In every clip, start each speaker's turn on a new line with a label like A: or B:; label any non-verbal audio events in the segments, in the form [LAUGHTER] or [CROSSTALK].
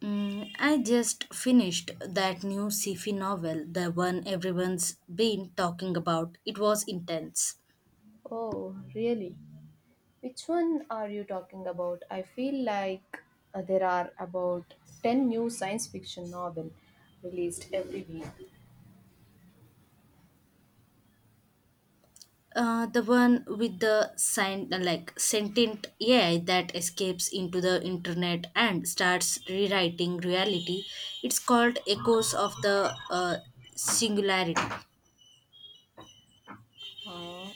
A: Mm, I just finished that new sci-fi novel, the one everyone's been talking about. It was intense.
B: Oh, really? Which one are you talking about? I feel like there are about 10 new science fiction novel released every week.
A: The one with the sign, like sentient AI that escapes into the internet and starts rewriting reality. It's called Echoes of the Singularity.
B: Uh,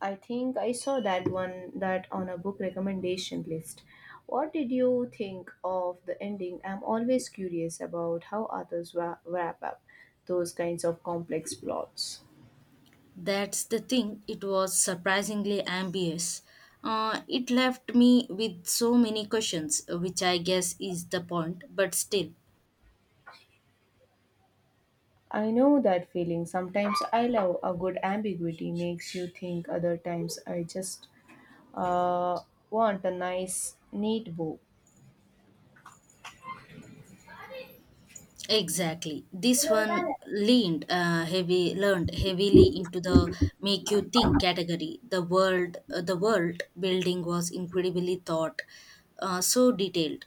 B: I think I saw that one that on a book recommendation list. What did you think of the ending? I'm always curious about how authors wrap up those kinds of complex plots.
A: That's the thing. It was surprisingly ambitious. It left me with so many questions, which I guess is the point. But still.
B: I know that feeling. Sometimes I love a good ambiguity makes you think, other times I just Uh, want a nice, neat book.
A: Exactly. This one leaned heavy learned heavily into the make you think category. The world building was incredibly thought so detailed.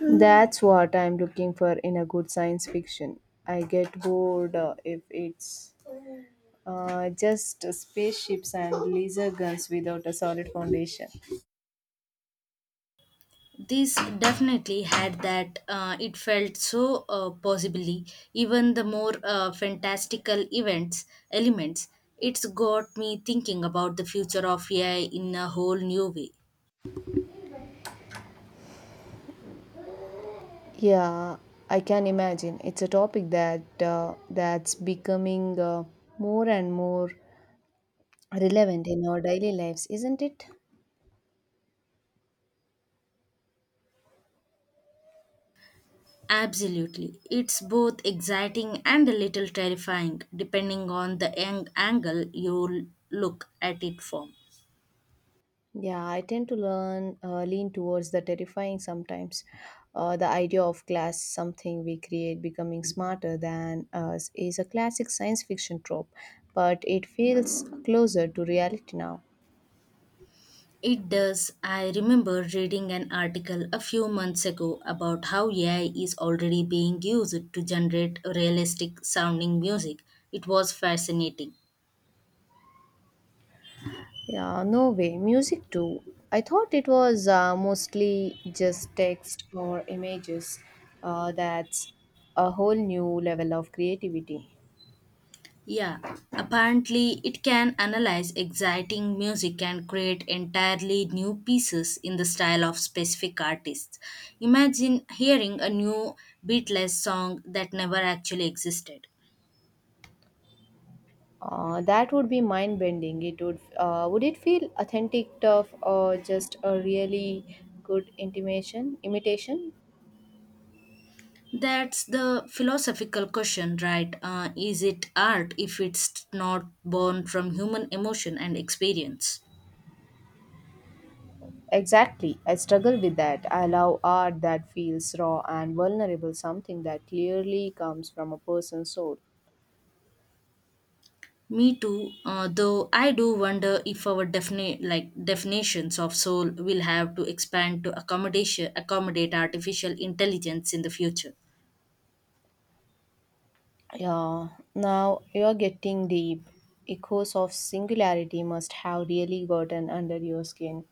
B: That's what I'm looking for in a good science fiction. I get bored if it's just spaceships and laser guns without a solid foundation.
A: This definitely had that. It felt so possibly even the more fantastical events elements. It's got me thinking about the future of AI in a whole new way.
B: Yeah, I can imagine. It's a topic that's becoming more and more relevant in our daily lives, isn't it?
A: Absolutely. It's both exciting and a little terrifying, depending on the angle you look at it from.
B: Yeah, I tend to learn lean towards the terrifying sometimes. The idea of class, something we create, becoming smarter than us, is a classic science fiction trope, but it feels closer to reality now.
A: It does. I remember reading an article a few months ago about how AI is already being used to generate realistic sounding music. It was fascinating.
B: Yeah, no way. Music too. I thought it was mostly just text or images. That's a whole new level of creativity.
A: Yeah, apparently it can analyze exciting music and create entirely new pieces in the style of specific artists. Imagine hearing a new Beatles song that never actually existed.
B: That would be mind bending. It would it feel authentic, tough, or just a really good intimation imitation?
A: That's the philosophical question, right? Is it art if it's not born from human emotion and experience?
B: Exactly. I struggle with that. I love art that feels raw and vulnerable, something that clearly comes from a person's soul.
A: Me too, though I do wonder if our definitions of soul will have to expand to accommodation accommodate artificial intelligence in the future.
B: Yeah. Now you're getting deep. Echoes of singularity must have really gotten under your skin.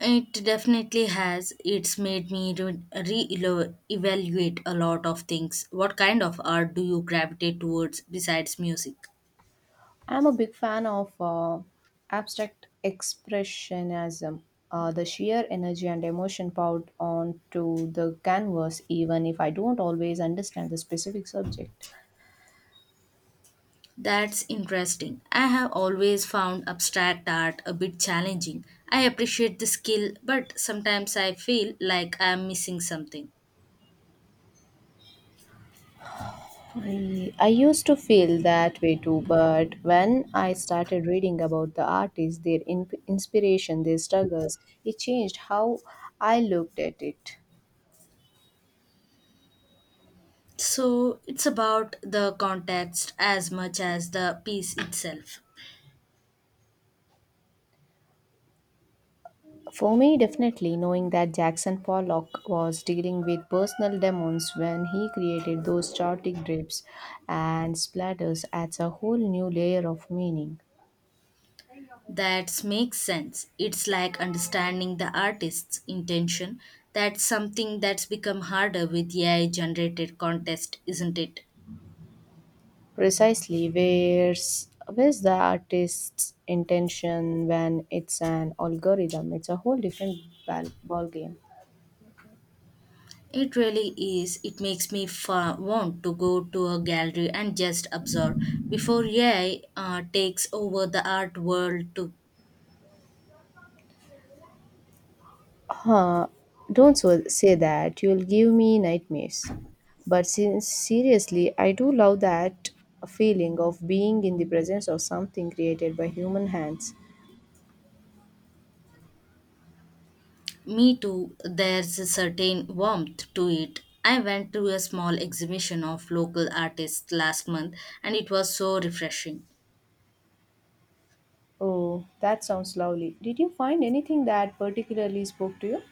A: It definitely has. It's made me evaluate a lot of things. What kind of art do you gravitate towards besides music?
B: I'm a big fan of abstract expressionism. The sheer energy and emotion poured onto the canvas, even if I don't always understand the specific subject.
A: That's interesting. I have always found abstract art a bit challenging. I appreciate the skill, but sometimes I feel like I'm missing something.
B: I used to feel that way too, but when I started reading about the artists, their inspiration, their struggles, it changed how I looked at it.
A: So it's about the context as much as the piece itself.
B: For me, definitely knowing that Jackson Pollock was dealing with personal demons when he created those chaotic drips and splatters adds a whole new layer of meaning.
A: That makes sense. It's like understanding the artist's intention. That's something that's become harder with AI generated context, isn't it?
B: Precisely, where's the artist's intention when it's an algorithm? It's a whole different ball game.
A: It really is. It makes me want to go to a gallery and just observe before AI takes over the art world too.
B: Huh, don't say that. You'll give me nightmares. But seriously, I do love that feeling of being in the presence of something created by human hands.
A: Me too, there's a certain warmth to it. I went to a small exhibition of local artists last month and it was so refreshing.
B: Oh, that sounds lovely. Did you find anything that particularly spoke to you?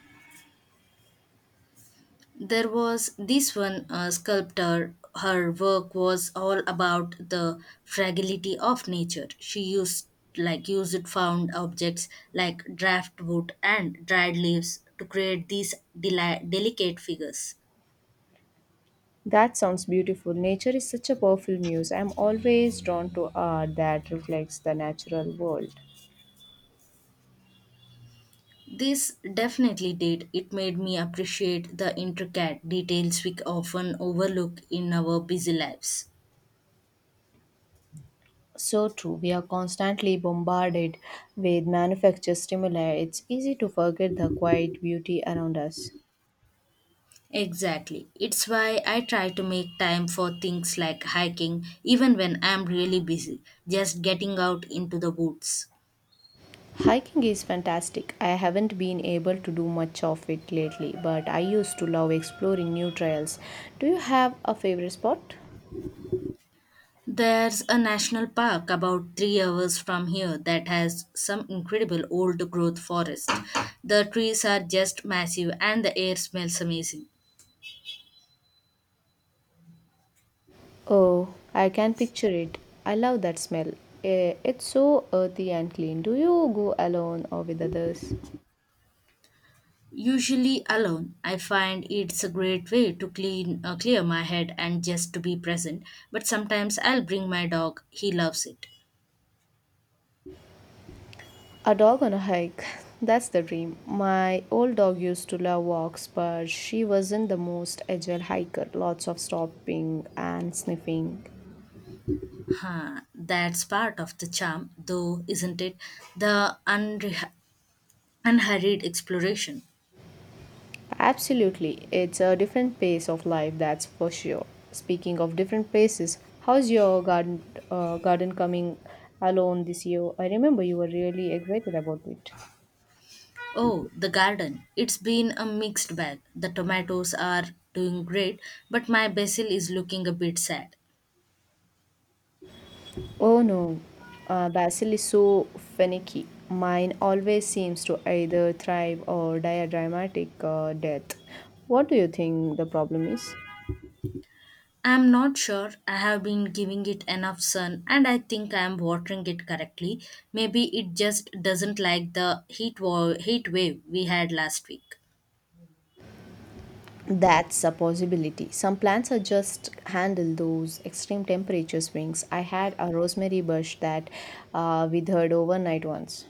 A: There was this one sculptor. Her work was all about the fragility of nature. She used found objects like draft wood and dried leaves to create these delicate figures.
B: That sounds beautiful. Nature is such a powerful muse. I'm always drawn to art that reflects the natural world.
A: This definitely did. It made me appreciate the intricate details we often overlook in our busy lives.
B: So true, we are constantly bombarded with manufactured stimuli. It's easy to forget the quiet beauty around us.
A: Exactly. It's why I try to make time for things like hiking, even when I'm really busy, just getting out into the woods.
B: Hiking is fantastic. I haven't been able to do much of it lately, but I used to love exploring new trails. Do you have a favorite spot?
A: There's a national park about 3 hours from here that has some incredible old growth forest. The trees are just massive and the air smells amazing.
B: Oh, I can picture it. I love that smell. Eh, it's so earthy and clean. Do you go alone or with others?
A: Usually alone. I find it's a great way to clean clear my head and just to be present. But sometimes I'll bring my dog. He loves it.
B: A dog on a hike. [LAUGHS] That's the dream. My old dog used to love walks, but she wasn't the most agile hiker. Lots of stopping and sniffing.
A: Huh, that's part of the charm, though, isn't it? The unhurried exploration.
B: Absolutely. It's a different pace of life, that's for sure. Speaking of different paces, how's your garden coming along this year? I remember you were really excited about it.
A: Oh, the garden. It's been a mixed bag. The tomatoes are doing great, but my basil is looking a bit sad.
B: Oh no, Basil is so finicky. Mine always seems to either thrive or die a dramatic death. What do you think the problem is?
A: I'm not sure. I have been giving it enough sun and I think I am watering it correctly. Maybe it just doesn't like the heat wave we had last week.
B: That's a possibility. Some plants are just handle those extreme temperature swings. I had a rosemary bush that withered overnight once.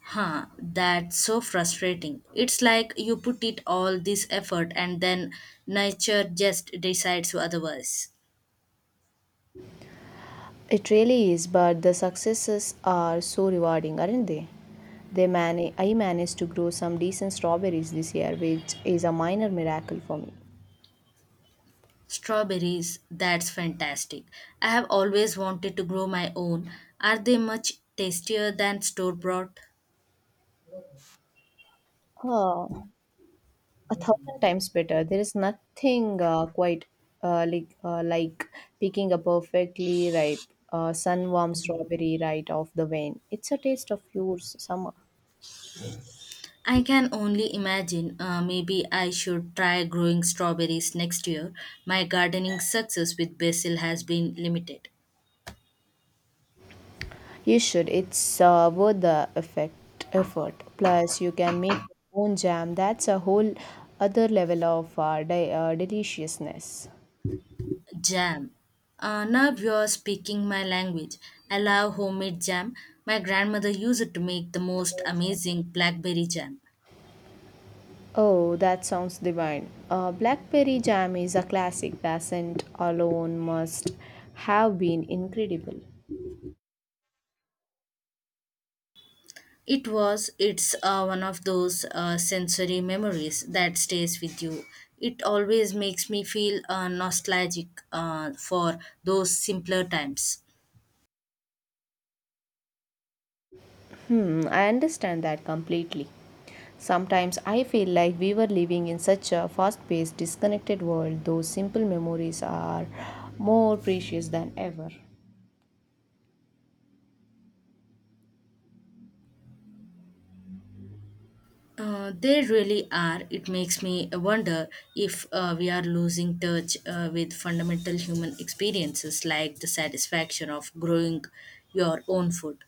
A: Huh, that's so frustrating. It's like you put it all this effort and then nature just decides otherwise.
B: It really is, but the successes are so rewarding, aren't they? I managed to grow some decent strawberries this year, which is a minor miracle for me.
A: Strawberries, that's fantastic. I have always wanted to grow my own. Are they much tastier than store bought?
B: Uh, a thousand times better. There is nothing quite like picking a perfectly ripe sun-warm strawberry right off the vine. It's a taste of your summer.
A: I can only imagine. Maybe I should try growing strawberries next year. My gardening success with basil has been limited.
B: You should. It's worth the effect effort. Plus, you can make your own jam. That's a whole other level of deliciousness.
A: Jam. Now you're speaking my language. I love homemade jam. My grandmother used to make the most amazing blackberry jam.
B: Oh, that sounds divine. Blackberry jam is a classic. Doesn't alone must have been incredible.
A: It was, it's one of those sensory memories that stays with you. It always makes me feel nostalgic for those simpler times.
B: Hmm, I understand that completely. Sometimes I feel like we were living in such a fast paced, disconnected world, those simple memories are more precious than ever.
A: They really are. It makes me wonder if we are losing touch with fundamental human experiences like the satisfaction of growing your own food.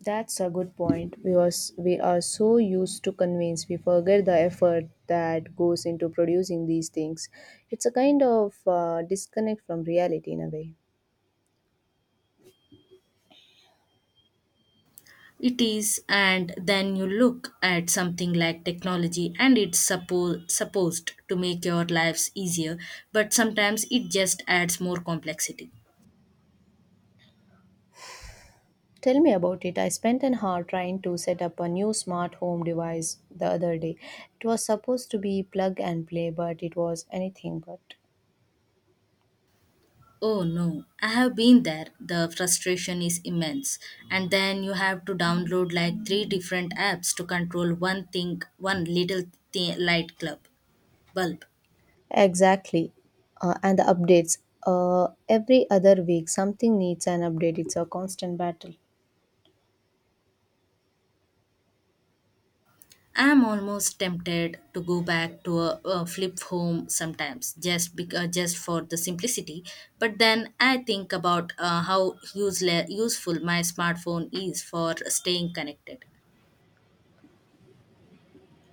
B: That's a good point because we are so used to convince we forget the effort that goes into producing these things. It's a kind of disconnect from reality in a way.
A: It is, and then you look at something like technology and it's supposed to make your lives easier, but sometimes it just adds more complexity.
B: Tell me about it. I spent an hour trying to set up a new smart home device the other day. It was supposed to be plug and play, but it was anything but.
A: Oh no, I have been there. The frustration is immense. And then you have to download like three different apps to control one thing, one little thi- light club bulb.
B: Exactly. And the updates. Every other week, something needs an update. It's a constant battle.
A: I am almost tempted to go back to a flip home sometimes just for the simplicity, but then I think about how useful my smartphone is for staying connected.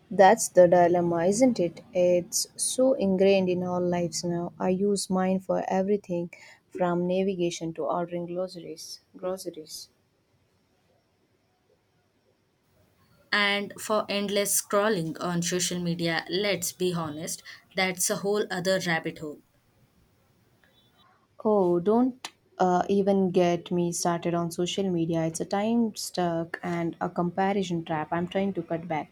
B: That's the dilemma, isn't it? It's so ingrained in our lives now. I use mine for everything from navigation to ordering groceries. Groceries.
A: And for endless scrolling on social media, let's be honest, that's a whole other rabbit hole.
B: Oh, don't even get me started on social media. It's a time stuck and a comparison trap. I'm trying to cut back.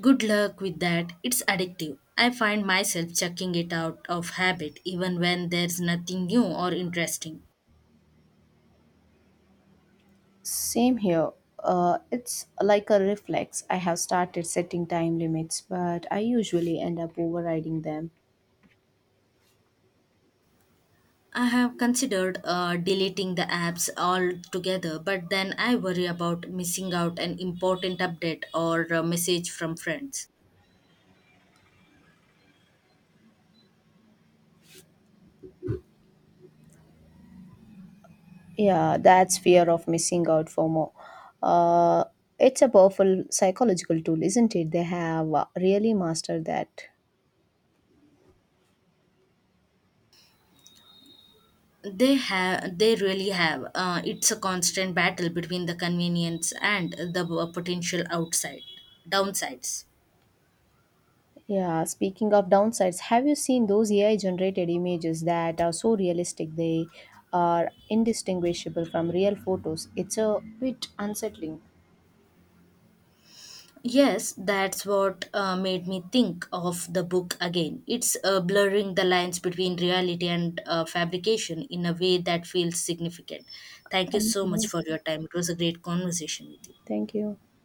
A: Good luck with that, it's addictive. I find myself checking it out of habit even when there's nothing new or interesting.
B: Same here. It's like a reflex. I have started setting time limits, but I usually end up overriding them.
A: I have considered deleting the apps altogether, but then I worry about missing out an important update or a message from friends.
B: Yeah, that's fear of missing out for more. Uh, it's a powerful psychological tool, isn't it? They have really mastered that.
A: They really have. It's a constant battle between the convenience and the potential outside downsides.
B: Yeah, speaking of downsides, have you seen those AI generated images that are so realistic they are indistinguishable from real photos? It's a bit unsettling.
A: Yes, that's what made me think of the book again. It's blurring the lines between reality and fabrication in a way that feels significant. Thank you
B: Thank
A: so much
B: you.
A: for your time. It was a great conversation with you.
B: Thank you.